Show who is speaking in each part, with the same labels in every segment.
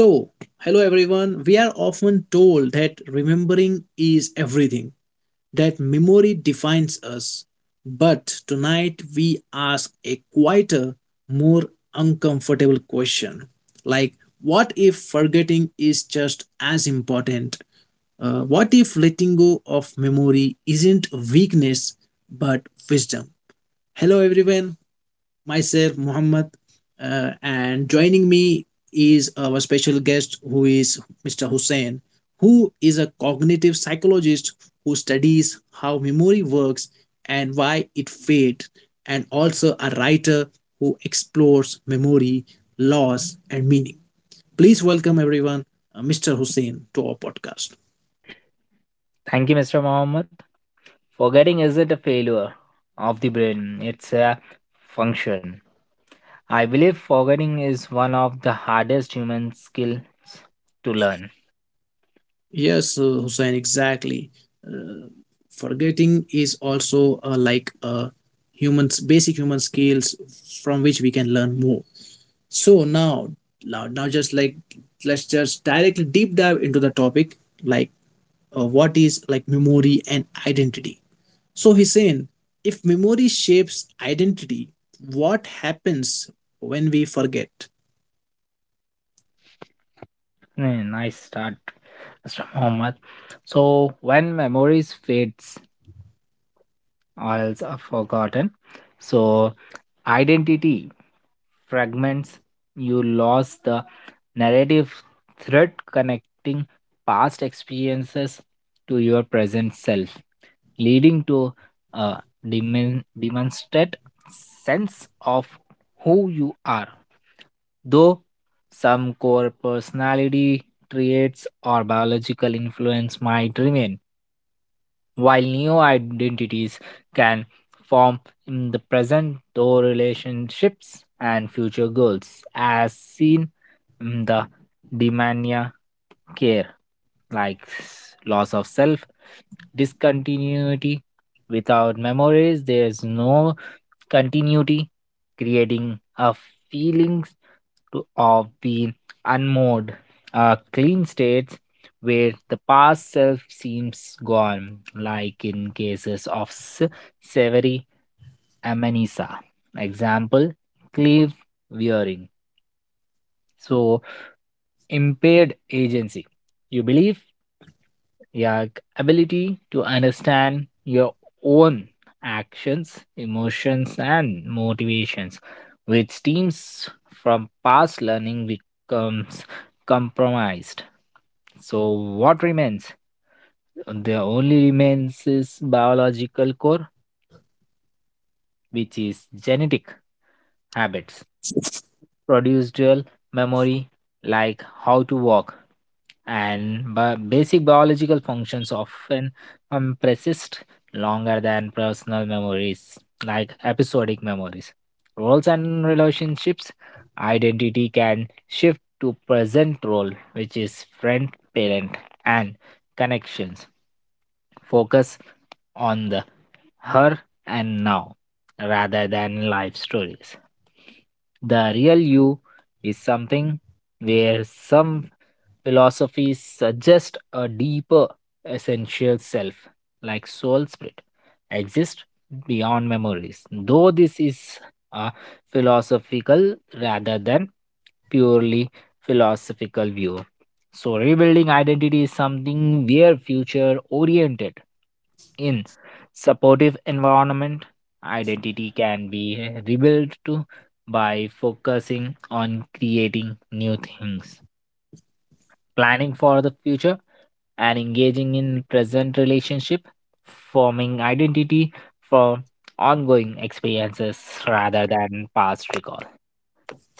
Speaker 1: So, hello everyone. We are often told that remembering is everything, that memory defines us. But tonight we ask a quieter, more uncomfortable question like, what if forgetting is just as important? What if letting go of memory isn't weakness but wisdom? Hello everyone myself, Muhammad, and joining me is our special guest who is Mr. Hussein, who is a cognitive psychologist who studies how memory works and why it fades, and also a writer who explores memory, loss, and meaning. Please welcome everyone, Mr. Hussein, to our podcast.
Speaker 2: Thank you, Mr. Mohammed. Forgetting isn't a failure of the brain, it's a function. I believe forgetting is one of the hardest human skills to learn.
Speaker 1: Yes, Hussein, exactly. Uh, forgetting is also like a humans basic human skills from which we can learn more. So now just like let's just directly deep dive into the topic, like what is like memory and identity. So he's saying, if memory shapes identity, what happens when we forget?
Speaker 2: Hmm, nice start, Mr. Mohammed. So, when memories fades or else are forgotten, so identity fragments, you lost the narrative thread connecting past experiences to your present self, leading to a demonstrate sense of who you are. Though some core personality traits or biological influence might remain, while new identities can form in the present, though relationships and future goals, as seen in the demania care, like loss of self, discontinuity. Without memories, there is no continuity, creating a feelings to, of being unmoored, a clean states where the past self seems gone, like in cases of Severi Amenisa. Example, cleave wearing. So, impaired agency. You believe your ability to understand your own actions, emotions, and motivations, which stems from past learning becomes compromised. So, what remains? The only remains is biological core, which is genetic habits, procedural memory, like how to walk, and basic biological functions often persist longer than personal memories, like episodic memories. Roles and relationships, identity can shift to present role, which is friend, parent, and connections. Focus on the her and now rather than life stories. The real you is something where some philosophies suggest a deeper, essential self, like soul spirit, exists beyond memories. Though this is a philosophical rather than purely philosophical view. So, rebuilding identity is something we future oriented in supportive environment identity can be rebuilt to by focusing on creating new things, planning for the future, and engaging in present relationship forming identity for ongoing experiences rather than past recall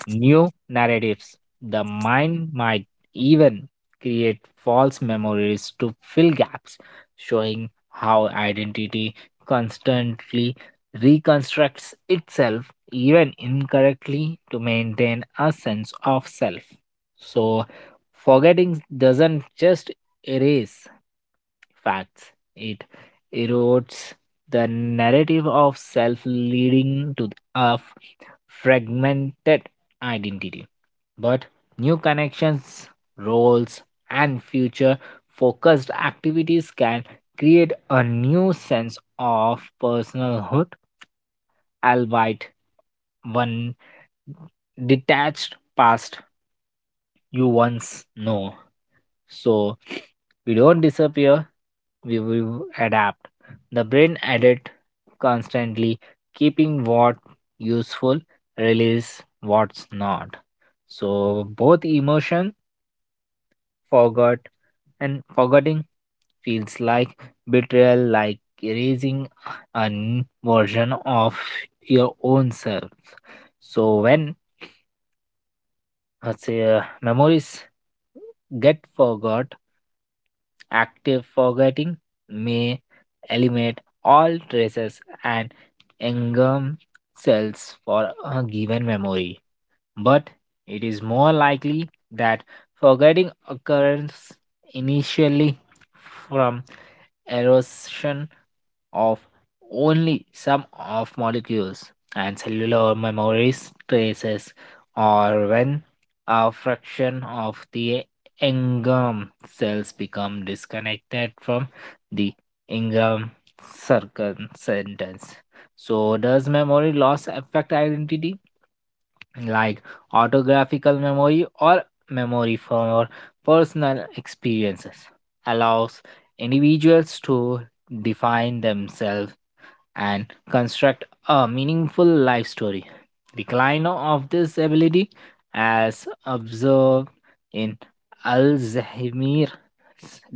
Speaker 2: new narratives. The mind might even create false memories to fill gaps, showing how identity constantly reconstructs itself, even incorrectly, to maintain a sense of self. So, forgetting doesn't just erase facts, it erodes the narrative of self, leading to a fragmented identity. But new connections, roles, and future focused activities can create a new sense of personalhood, albeit one detached past you once know. So we don't disappear, we will adapt. The brain edit constantly, keeping what useful, release what's not. So both emotion forgot and forgetting feels like betrayal, like erasing a version of your own self. So when say, memories get forgot, active forgetting may eliminate all traces and engum cells for a given memory. But it is more likely that forgetting occurs initially from erosion of only some of molecules and cellular memories traces, or when a fraction of the Ingram cells become disconnected from the Ingram circumference. So does memory loss affect identity, like autographical memory or memory for personal experiences allows individuals to define themselves and construct a meaningful life story. Decline of this ability, as observed in Al Zahimir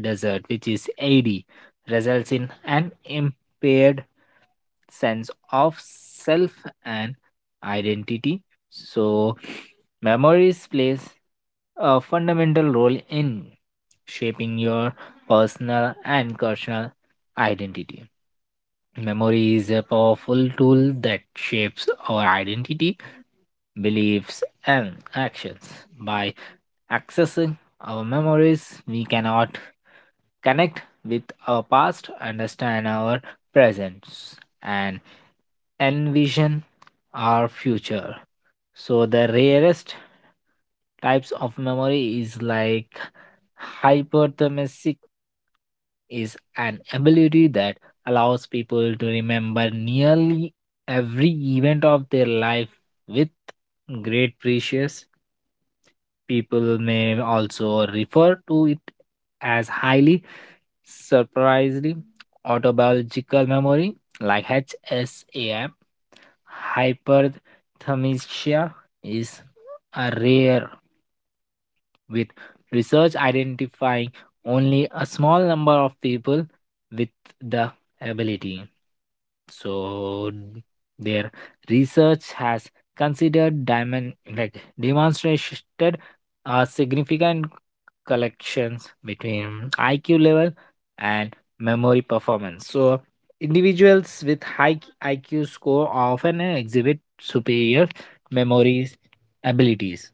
Speaker 2: desert, which is AD, results in an impaired sense of self and identity. So, memories plays a fundamental role in shaping your personal and cultural identity. Memory is a powerful tool that shapes our identity, beliefs, and actions. By accessing our memories, we cannot connect with our past, understand our present, and envision our future. So, the rarest types of memory is like Hyperthermesic is an ability that allows people to remember nearly every event of their life with great precious. People may also refer to it as highly surprisingly autobiological memory, like HSAM. Hyperthermia is a rare with research identifying only a small number of people with the ability. So their research has considered diamond like demonstrated a significant collections between IQ level and memory performance. So individuals with high IQ score often exhibit superior memory abilities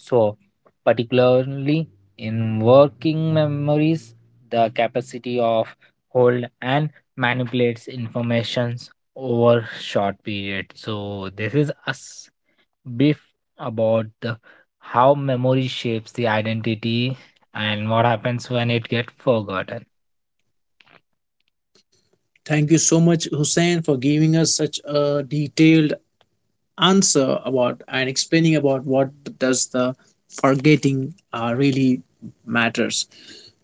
Speaker 2: so, particularly in working memories, the capacity of hold and manipulates informations over short period. So, this is a brief about the how memory shapes the identity and what happens when it gets forgotten.
Speaker 1: Thank you so much, Hussein, for giving us such a detailed answer about and explaining about what does the forgetting really matters.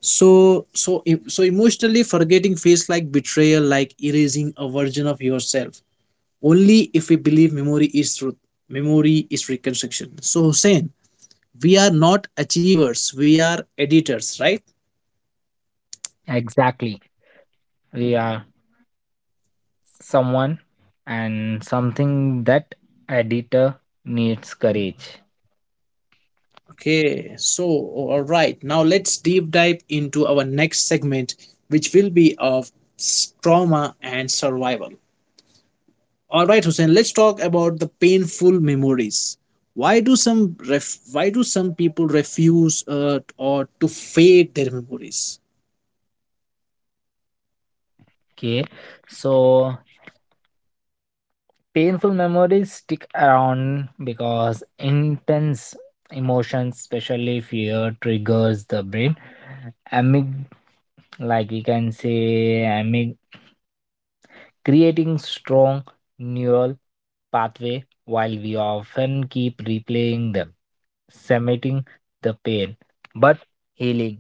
Speaker 1: So emotionally forgetting feels like betrayal, like erasing a version of yourself only if we believe memory is truth. Memory is reconstruction. So, Hussein, we are not achievers, we are editors, right?
Speaker 2: Exactly, we are someone and something that editor needs courage.
Speaker 1: Okay, so all right, now let's deep dive into our next segment, which will be of trauma and survival. All right, Hussein, let's talk about the painful memories. Why do some people refuse or to fade their memories?
Speaker 2: Okay, so painful memories stick around because intense emotions especially fear triggers the brain amyg, like we can say amyg, creating strong neural pathway while we often keep replaying them, cementing the pain. But healing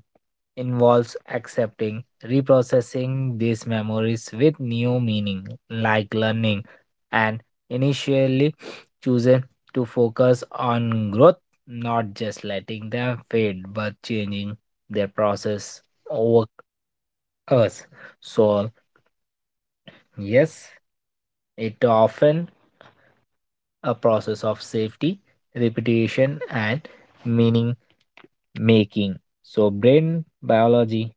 Speaker 2: involves accepting, reprocessing these memories with new meaning, like learning, and initially choosing to focus on growth, not just letting them fade, but changing their process over us. So, yes, it often a process of safety, repetition, and meaning making. So, brain biology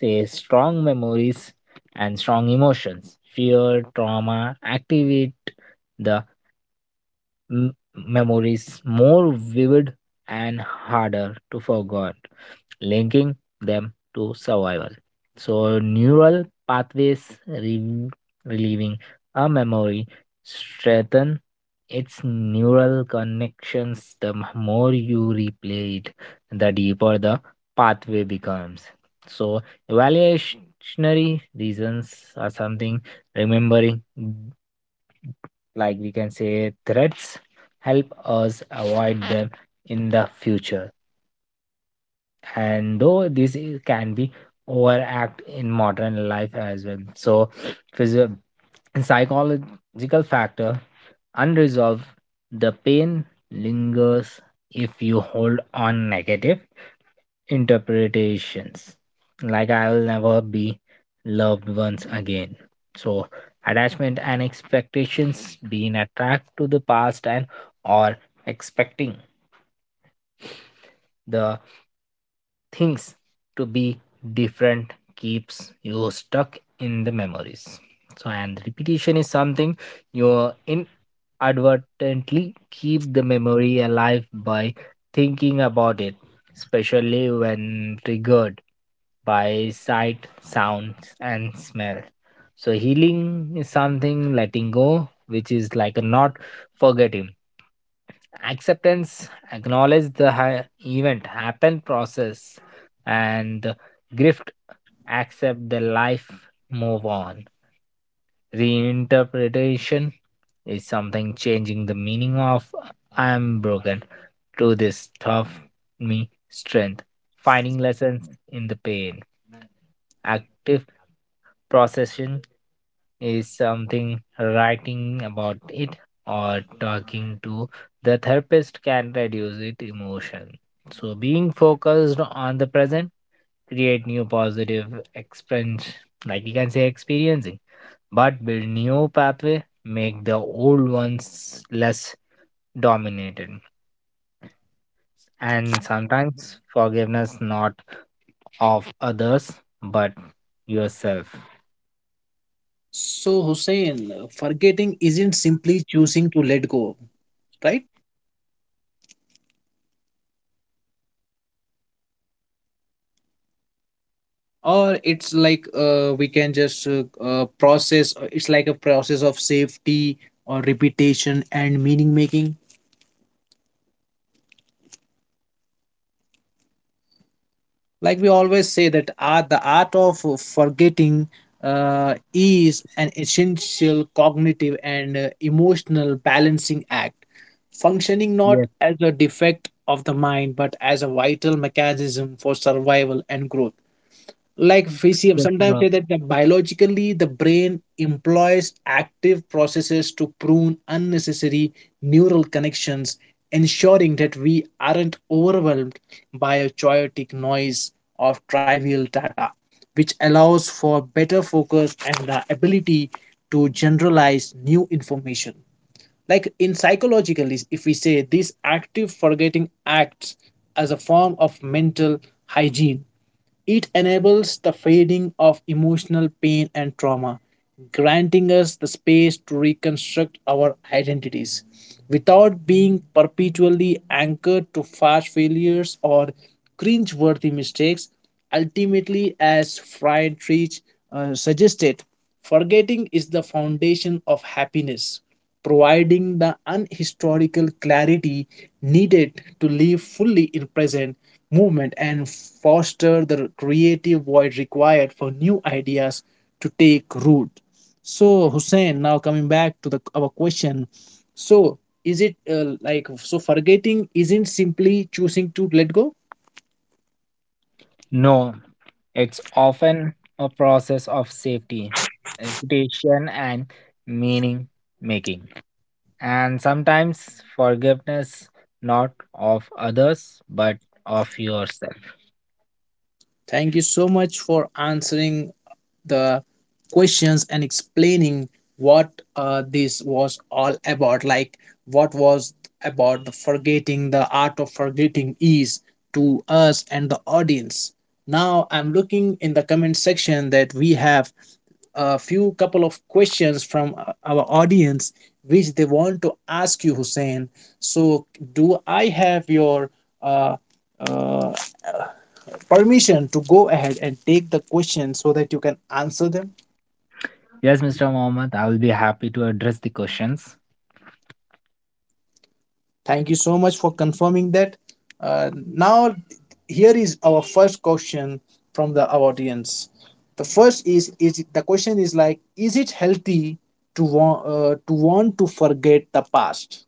Speaker 2: says strong memories and strong emotions. Fear, trauma activate the memories more vivid and harder to forget, linking them to survival. So, neural pathways re- relieving a memory strengthen its neural connections. The more you replay it, the deeper the pathway becomes. So, evaluationary reasons are something remembering, mm, like we can say, threats help us avoid them in the future, and though this is, can be overact in modern life as well. So physio- psychological factor unresolved the pain lingers if you hold on negative interpretations like I will never be loved once again. So attachment and expectations being attracted to the past and or expecting the things to be different keeps you stuck in the memories. So and repetition is something you inadvertently keep the memory alive by thinking about it, especially when triggered by sight sounds and smell. So healing is something letting go, which is like a not forgetting, acceptance acknowledge the event happen process and grift, accept the life, move on. Reinterpretation is something changing the meaning of I am broken to this tough me strength, finding lessons in the pain. Active processing is something writing about it or talking to the therapist can reduce it emotion. So being focused on the present create new positive experience, like you can say experiencing, but build new pathway make the old ones less dominated. And sometimes forgiveness not of others but yourself.
Speaker 1: So, Hussein, forgetting isn't simply choosing to let go, right? Or it's like we can just process. It's like a process of safety or repetition and meaning making. Like we always say that art the art of forgetting is an essential cognitive and emotional balancing act, functioning not
Speaker 2: Yes,
Speaker 1: as a defect of the mind but as a vital mechanism for survival and growth. Like physio
Speaker 2: that's
Speaker 1: sometimes
Speaker 2: not
Speaker 1: say that the biologically the brain employs active processes to prune unnecessary neural connections, ensuring that we aren't overwhelmed by a chaotic noise of trivial data, which allows for better focus and the ability to generalize new information. Like in psychologically, if we say these active forgetting acts as a form of mental hygiene, it enables the fading of emotional pain and trauma, granting us the space to reconstruct our identities without being perpetually anchored to past failures or cringe-worthy mistakes. Ultimately, as Friedrich suggested, forgetting is the foundation of happiness, providing the unhistorical clarity needed to live fully in present movement and foster the creative void required for new ideas to take root. So, Hussein, now coming back to the our question, so is it like, so forgetting isn't simply choosing to let go?
Speaker 2: no. It's often a process of safety, reputation, and meaning making, and sometimes forgiveness not of others but of yourself.
Speaker 1: Thank you so much for answering the questions and explaining what this was all about. Like, what was about the forgetting, the art of forgetting is to us and the audience. Now, I'm looking in the comment section that we have a few couple of questions from our audience which they want to ask you, Hussein. So do I have your uh, uh, permission to go ahead and take the question so that you can answer them?
Speaker 2: Yes, Mr. Mohammed, I will be happy to address the questions.
Speaker 1: Thank you so much for confirming that. Now, here is our first question from the our audience. The question is like, is it healthy to want to want to forget the past?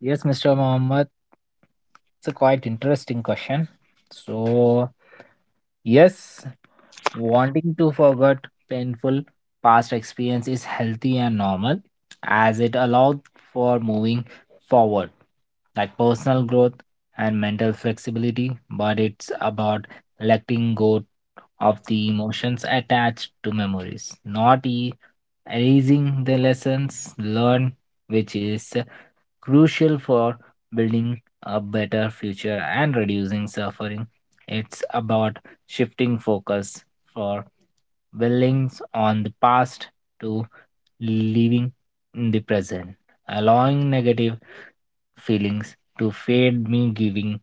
Speaker 2: Yes, Mr. Mohammed, it's a quite interesting question. So, yes, wanting to forget painful past experience is healthy and normal as it allows for moving forward, like personal growth and mental flexibility, but it's about letting go of the emotions attached to memories, not erasing the lessons learned, which is crucial for building a better future and reducing suffering. It's about shifting focus for dwelling on the past to living in the present, allowing negative feelings to fade me giving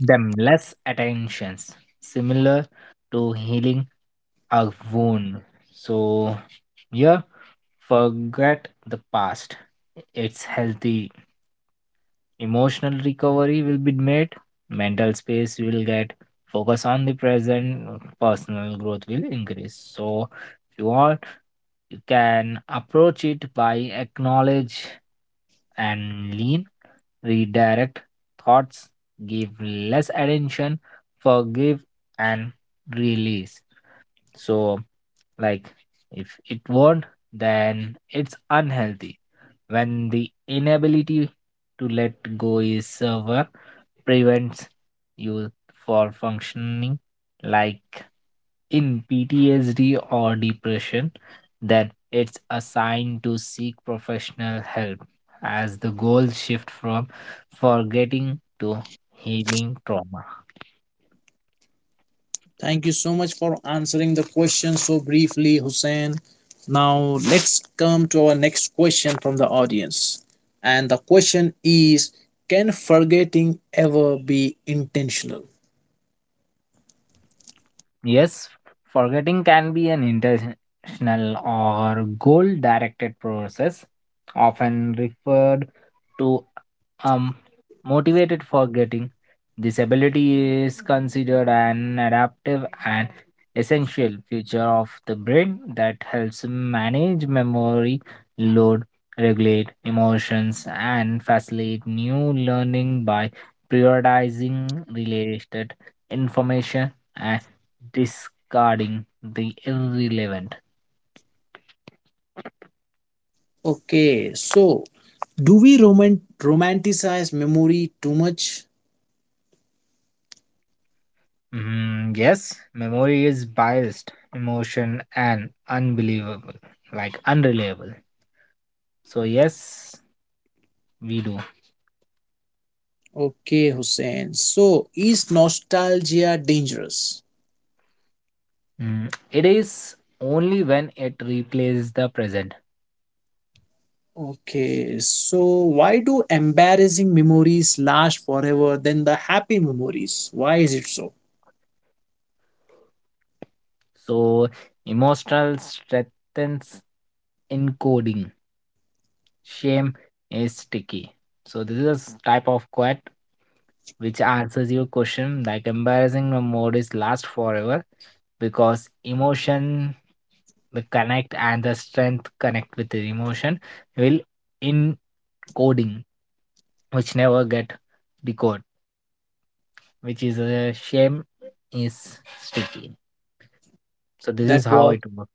Speaker 2: them less attentions, similar to healing a wound. So yeah, forget the past. It's healthy. Emotional recovery will be made, mental space will get, focus on the present, personal growth will increase. So, if you want, you can approach it by acknowledge and lean, redirect thoughts, give less attention, forgive, and release. So, like, if it won't, then it's unhealthy. When the inability to let go is severe, prevents you for functioning like in PTSD or depression, then it's a sign to seek professional help as the goals shift from forgetting to healing trauma.
Speaker 1: Thank you so much for answering the question so briefly, Hussein. Now, let's come to our next question from the audience. And the question is, can forgetting ever be intentional?
Speaker 2: Yes, forgetting can be an intentional or goal directed process, often referred to um motivated forgetting. This ability is considered an adaptive and essential feature of the brain that helps manage memory load, regulate emotions, and facilitate new learning by prioritizing related information and discarding the irrelevant.
Speaker 1: Okay, so do we romanticize memory too much?
Speaker 2: Mm, yes, memory is biased, emotion, and unbelievable, like unreliable. So, yes, we do.
Speaker 1: Okay, Hussein. So, is nostalgia dangerous?
Speaker 2: Mm, it is only when it replaces the present.
Speaker 1: Okay, so why do embarrassing memories last forever than the happy memories? Why is it so?
Speaker 2: So, emotional strengthens encoding. Shame is sticky. So this is a type of quote which answers your question like embarrassing memories last forever because emotion the connect and the strength connect with the emotion will encoding which never get decode which is a shame is sticky. So this is
Speaker 1: That
Speaker 2: how
Speaker 1: was
Speaker 2: it works.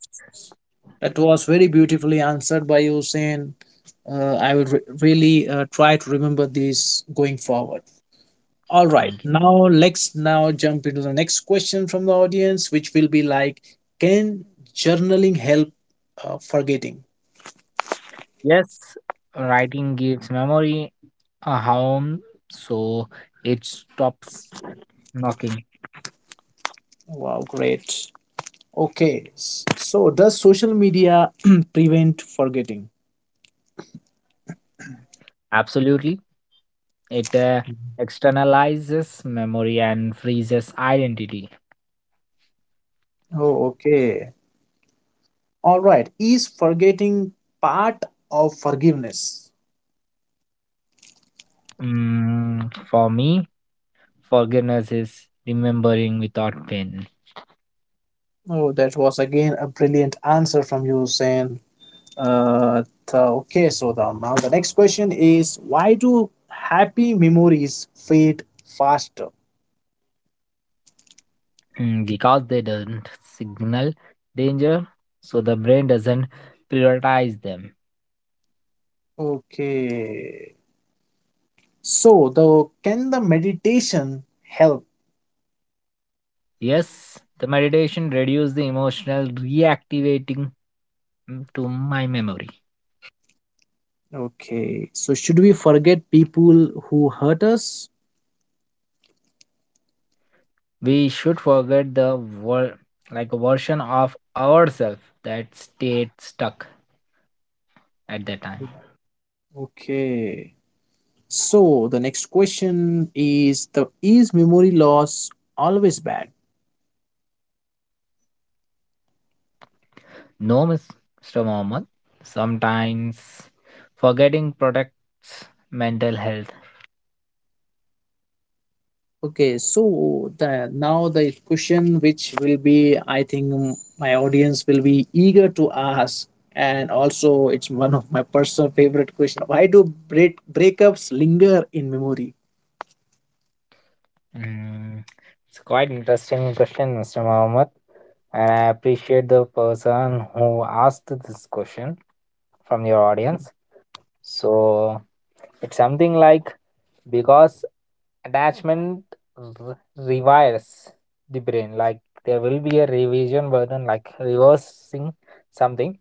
Speaker 1: that was very beautifully answered by you, Hussein. I will really try to remember these going forward. All right,
Speaker 2: Thank you.
Speaker 1: now let's now jump into the next question from the audience, which will be like, can journaling help forgetting?
Speaker 2: Yes, writing gives memory a home, so it stops knocking.
Speaker 1: Wow, great. Okay, so does social media prevent forgetting?
Speaker 2: Absolutely. It externalizes memory and freezes identity.
Speaker 1: Oh, okay. All right. Is forgetting part of forgiveness?
Speaker 2: Mm, for me, forgiveness is remembering without pain.
Speaker 1: Oh, that was again a brilliant answer from you, Sen. Okay, so now the next question is, why do happy memories fade faster?
Speaker 2: Mm, because they don't signal danger, so the brain doesn't prioritize them.
Speaker 1: Okay, so the can the meditation help?
Speaker 2: Yes, the meditation reduces the emotional reactivating, mm, to my memory.
Speaker 1: Okay, so should we forget people who hurt us?
Speaker 2: We should forget the like a version of ourselves that stayed stuck at that time.
Speaker 1: Okay, so the next question is, the is memory loss always bad?
Speaker 2: No, Mr. Mohammed. Sometimes forgetting protects mental health.
Speaker 1: Okay, so the now the question which will be, I think, my audience will be eager to ask, and also it's one of my personal favorite question. Why do breakups linger in memory?
Speaker 2: Mm, it's quite interesting question, Mr. Mohammed, and I appreciate the person who asked this question from your audience. So it's something like because attachment rewires the brain, like there will be a revision burden, like reversing something,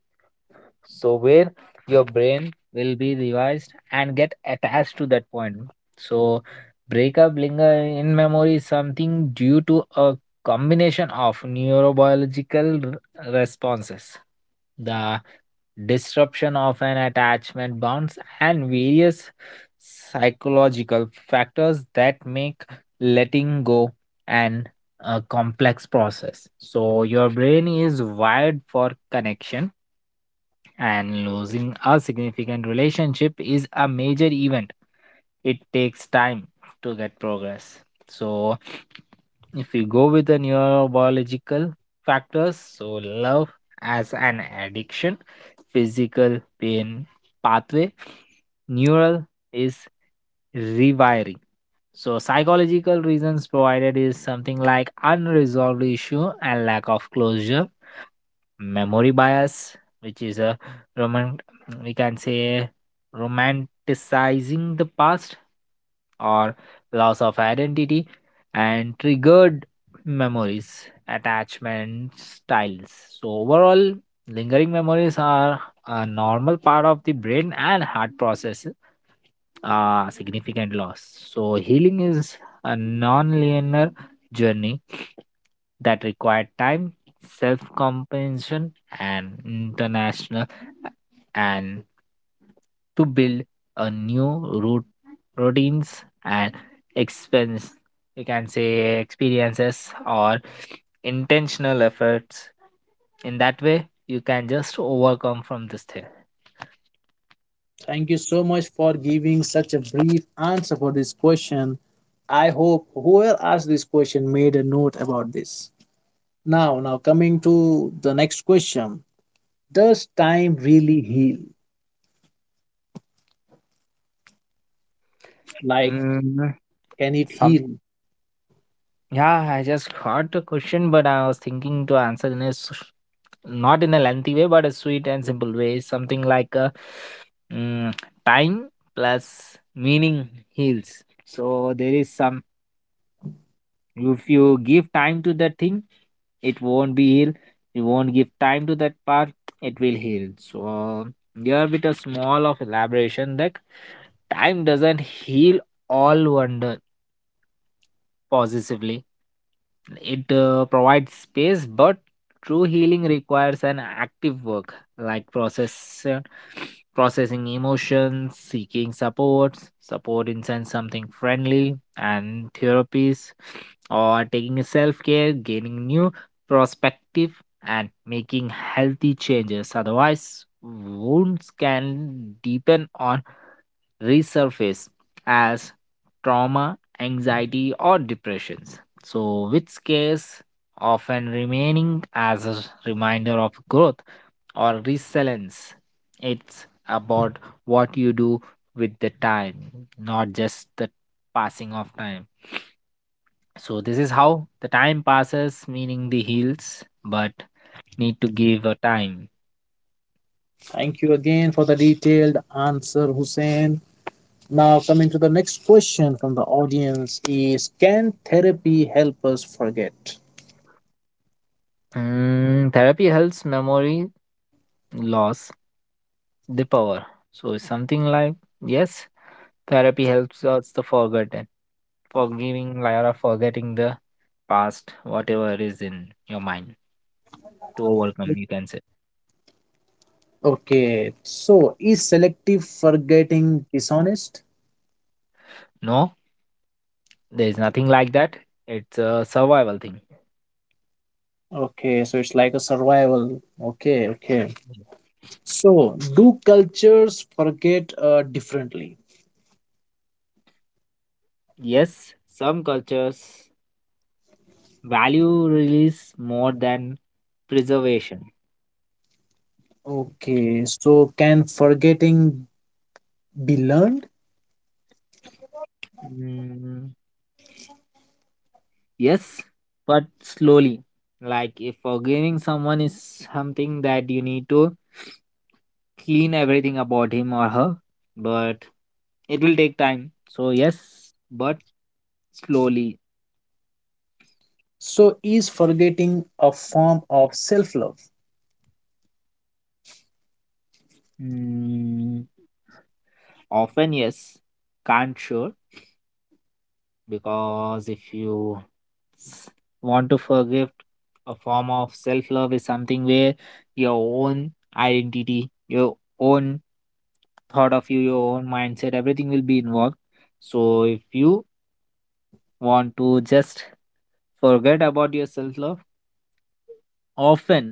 Speaker 2: so where your brain will be revised and get attached to that point. So breakup linger in memory is something due to a combination of neurobiological responses, the disruption of an attachment bonds, and various psychological factors that make letting go an a complex process. So your brain is wired for connection and losing a significant relationship is a major event. It takes time to get progress. So, if we go with the neurobiological factors, so love as an addiction, physical pain pathway, neural is rewiring. So, psychological reasons provided is something like unresolved issue and lack of closure memory bias, which is a roman we can say romanticizing the past or loss of identity and triggered memories, attachment styles. So overall, lingering memories are a normal part of the brain and heart process significant loss. So healing is a non-linear journey that required time, self compensation, and international and to build a new route routines and expense you can say experiences or intentional efforts in that way you can just overcome from this thing.
Speaker 1: Thank you so much for giving such a brief answer for this question. I hope whoever asked this question made a note about this. Now, coming to the next question. Does time really heal? Like,
Speaker 2: Mm,
Speaker 1: can it heal?
Speaker 2: yeah, I just heard the question, but I was thinking to answer in a not in a lengthy way, but a sweet and simple way. Something like mm, time plus meaning heals. So there is some. If you give time to that thing, it won't be healed. You won't give time to that part, it will heal. So here with a small of elaboration that time doesn't heal all wonder positively. It provides space, but true healing requires an active work like process, processing emotions, seeking supports, support in sense something friendly, and therapies, or taking self care, gaining new perspective, and making healthy changes. Otherwise, wounds can deepen or resurface as trauma, anxiety, or depressions. So, which scares often remaining as a reminder of growth or resilience. It's about what you do with the time, not just the passing of time. So, this is how the time passes, meaning the heals, but need to give a time.
Speaker 1: Thank you again for the detailed answer, Hussein. Now, coming to the next question from the audience is, can therapy help us forget?
Speaker 2: Mm, therapy helps memory loss the power. So, it's something like yes. Therapy helps us the forgotten, forgiving Lyra, forgetting the past, whatever is in your mind to overcome, you can say.
Speaker 1: Okay, so is selective forgetting dishonest?
Speaker 2: No, there is nothing like that. It's a survival thing.
Speaker 1: Okay, so it's like a survival. Okay. So, do cultures forget differently?
Speaker 2: Yes, some cultures value release more than preservation.
Speaker 1: Okay, so can forgetting be learned?
Speaker 2: Mm, yes, but slowly. Like if forgiving someone is something that you need to clean everything about him or her, but it will take time. So, yes, but slowly.
Speaker 1: So, is forgetting a form of self love?
Speaker 2: Mm, often, yes. Can't sure because if you s- want to forgive, a form of self love is something where your own identity, your own thought of you, your own mindset, everything will be involved. So if you want to just forget about your self love, oftenly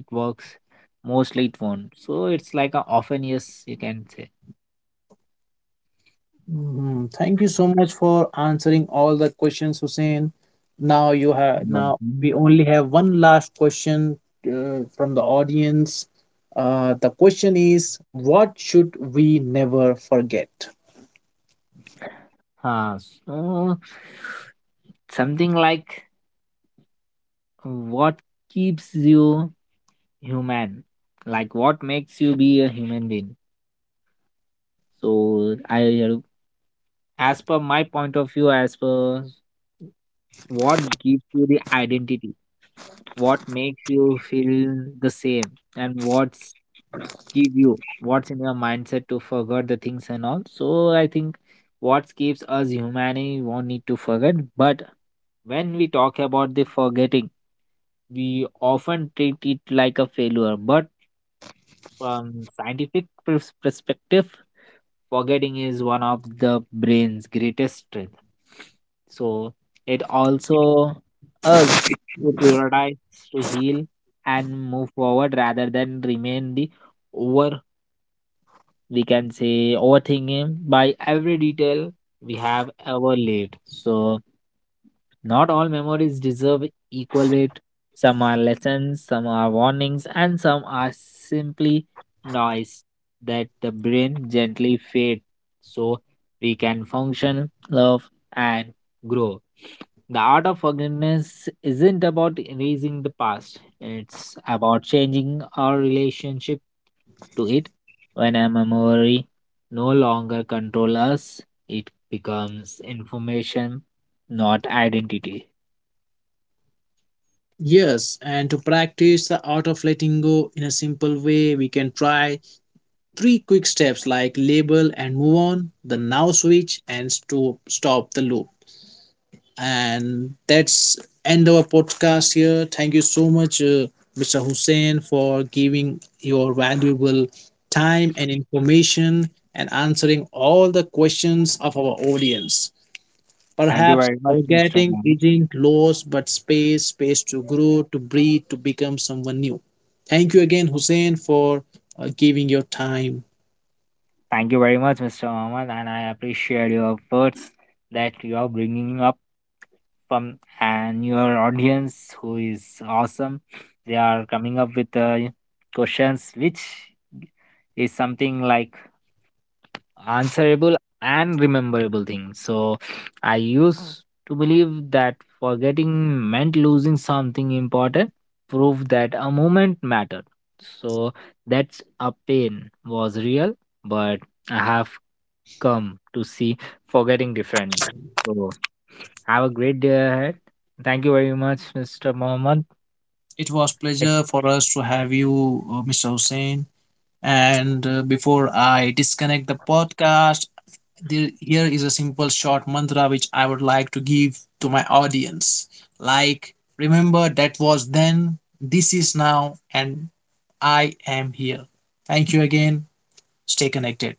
Speaker 2: it works, mostly it won't, so it's like a often yes you can say.
Speaker 1: Mhm. Thank you so much for answering all the questions, Hussein. Now
Speaker 2: Mhm.
Speaker 1: we only have one last question from the audience. The question is, what should we never forget?
Speaker 2: Huh, so something like what keeps you human, like what makes you be a human being. So I, as per my point of view, as per what gives you the identity, what makes you feel the same, and what give you what's in your mindset to forget the things and all. So I think what keeps us humanity we won't need to forget, but when we talk about the forgetting we often treat it like a failure, but from scientific perspective forgetting is one of the brain's greatest strength. So it also us to prioritize to heal and move forward rather than remain the over. We can say overthinking by every detail we have ever lived. So not all memories deserve equal weight. Some are lessons, some are warnings, and some are simply noise that the brain gently fades so we can function, love, and grow. The art of forgiveness isn't about erasing the past. It's about changing our relationship to it. When a memory no longer controls us, it becomes information, not identity.
Speaker 1: Yes, and to practice the art of letting go in a simple way, we can try three quick steps like label and move on, the now switch and to stop the loop. And that's end our podcast here. Thank you so much, Mr. Hussein, for giving your valuable time and information and answering all the questions of our audience.
Speaker 2: Thank you
Speaker 1: Perhaps
Speaker 2: very much, Mr.
Speaker 1: forgetting
Speaker 2: Mohammed.
Speaker 1: isn't loss but space to grow, to breathe, to become someone new. Thank you again, Hussein, for giving your time.
Speaker 2: Thank you very much, Mr. Mohammed, and I appreciate your words that you are bringing up from and your audience who is awesome. They are coming up with questions which is something like answerable and rememberable thing. So I used to believe that forgetting meant losing something important, proved that a moment mattered. So that's a pain was real, but I have come to see forgetting different. So have a great day ahead. Thank you very much, Mr. Mohammed.
Speaker 1: It was pleasure for us to have you, Mr. Hussein. And before I disconnect the podcast, here is a simple short mantra which I would like to give to my audience. Like, remember, that was then, this is now, and I am here. Thank you again. Stay connected.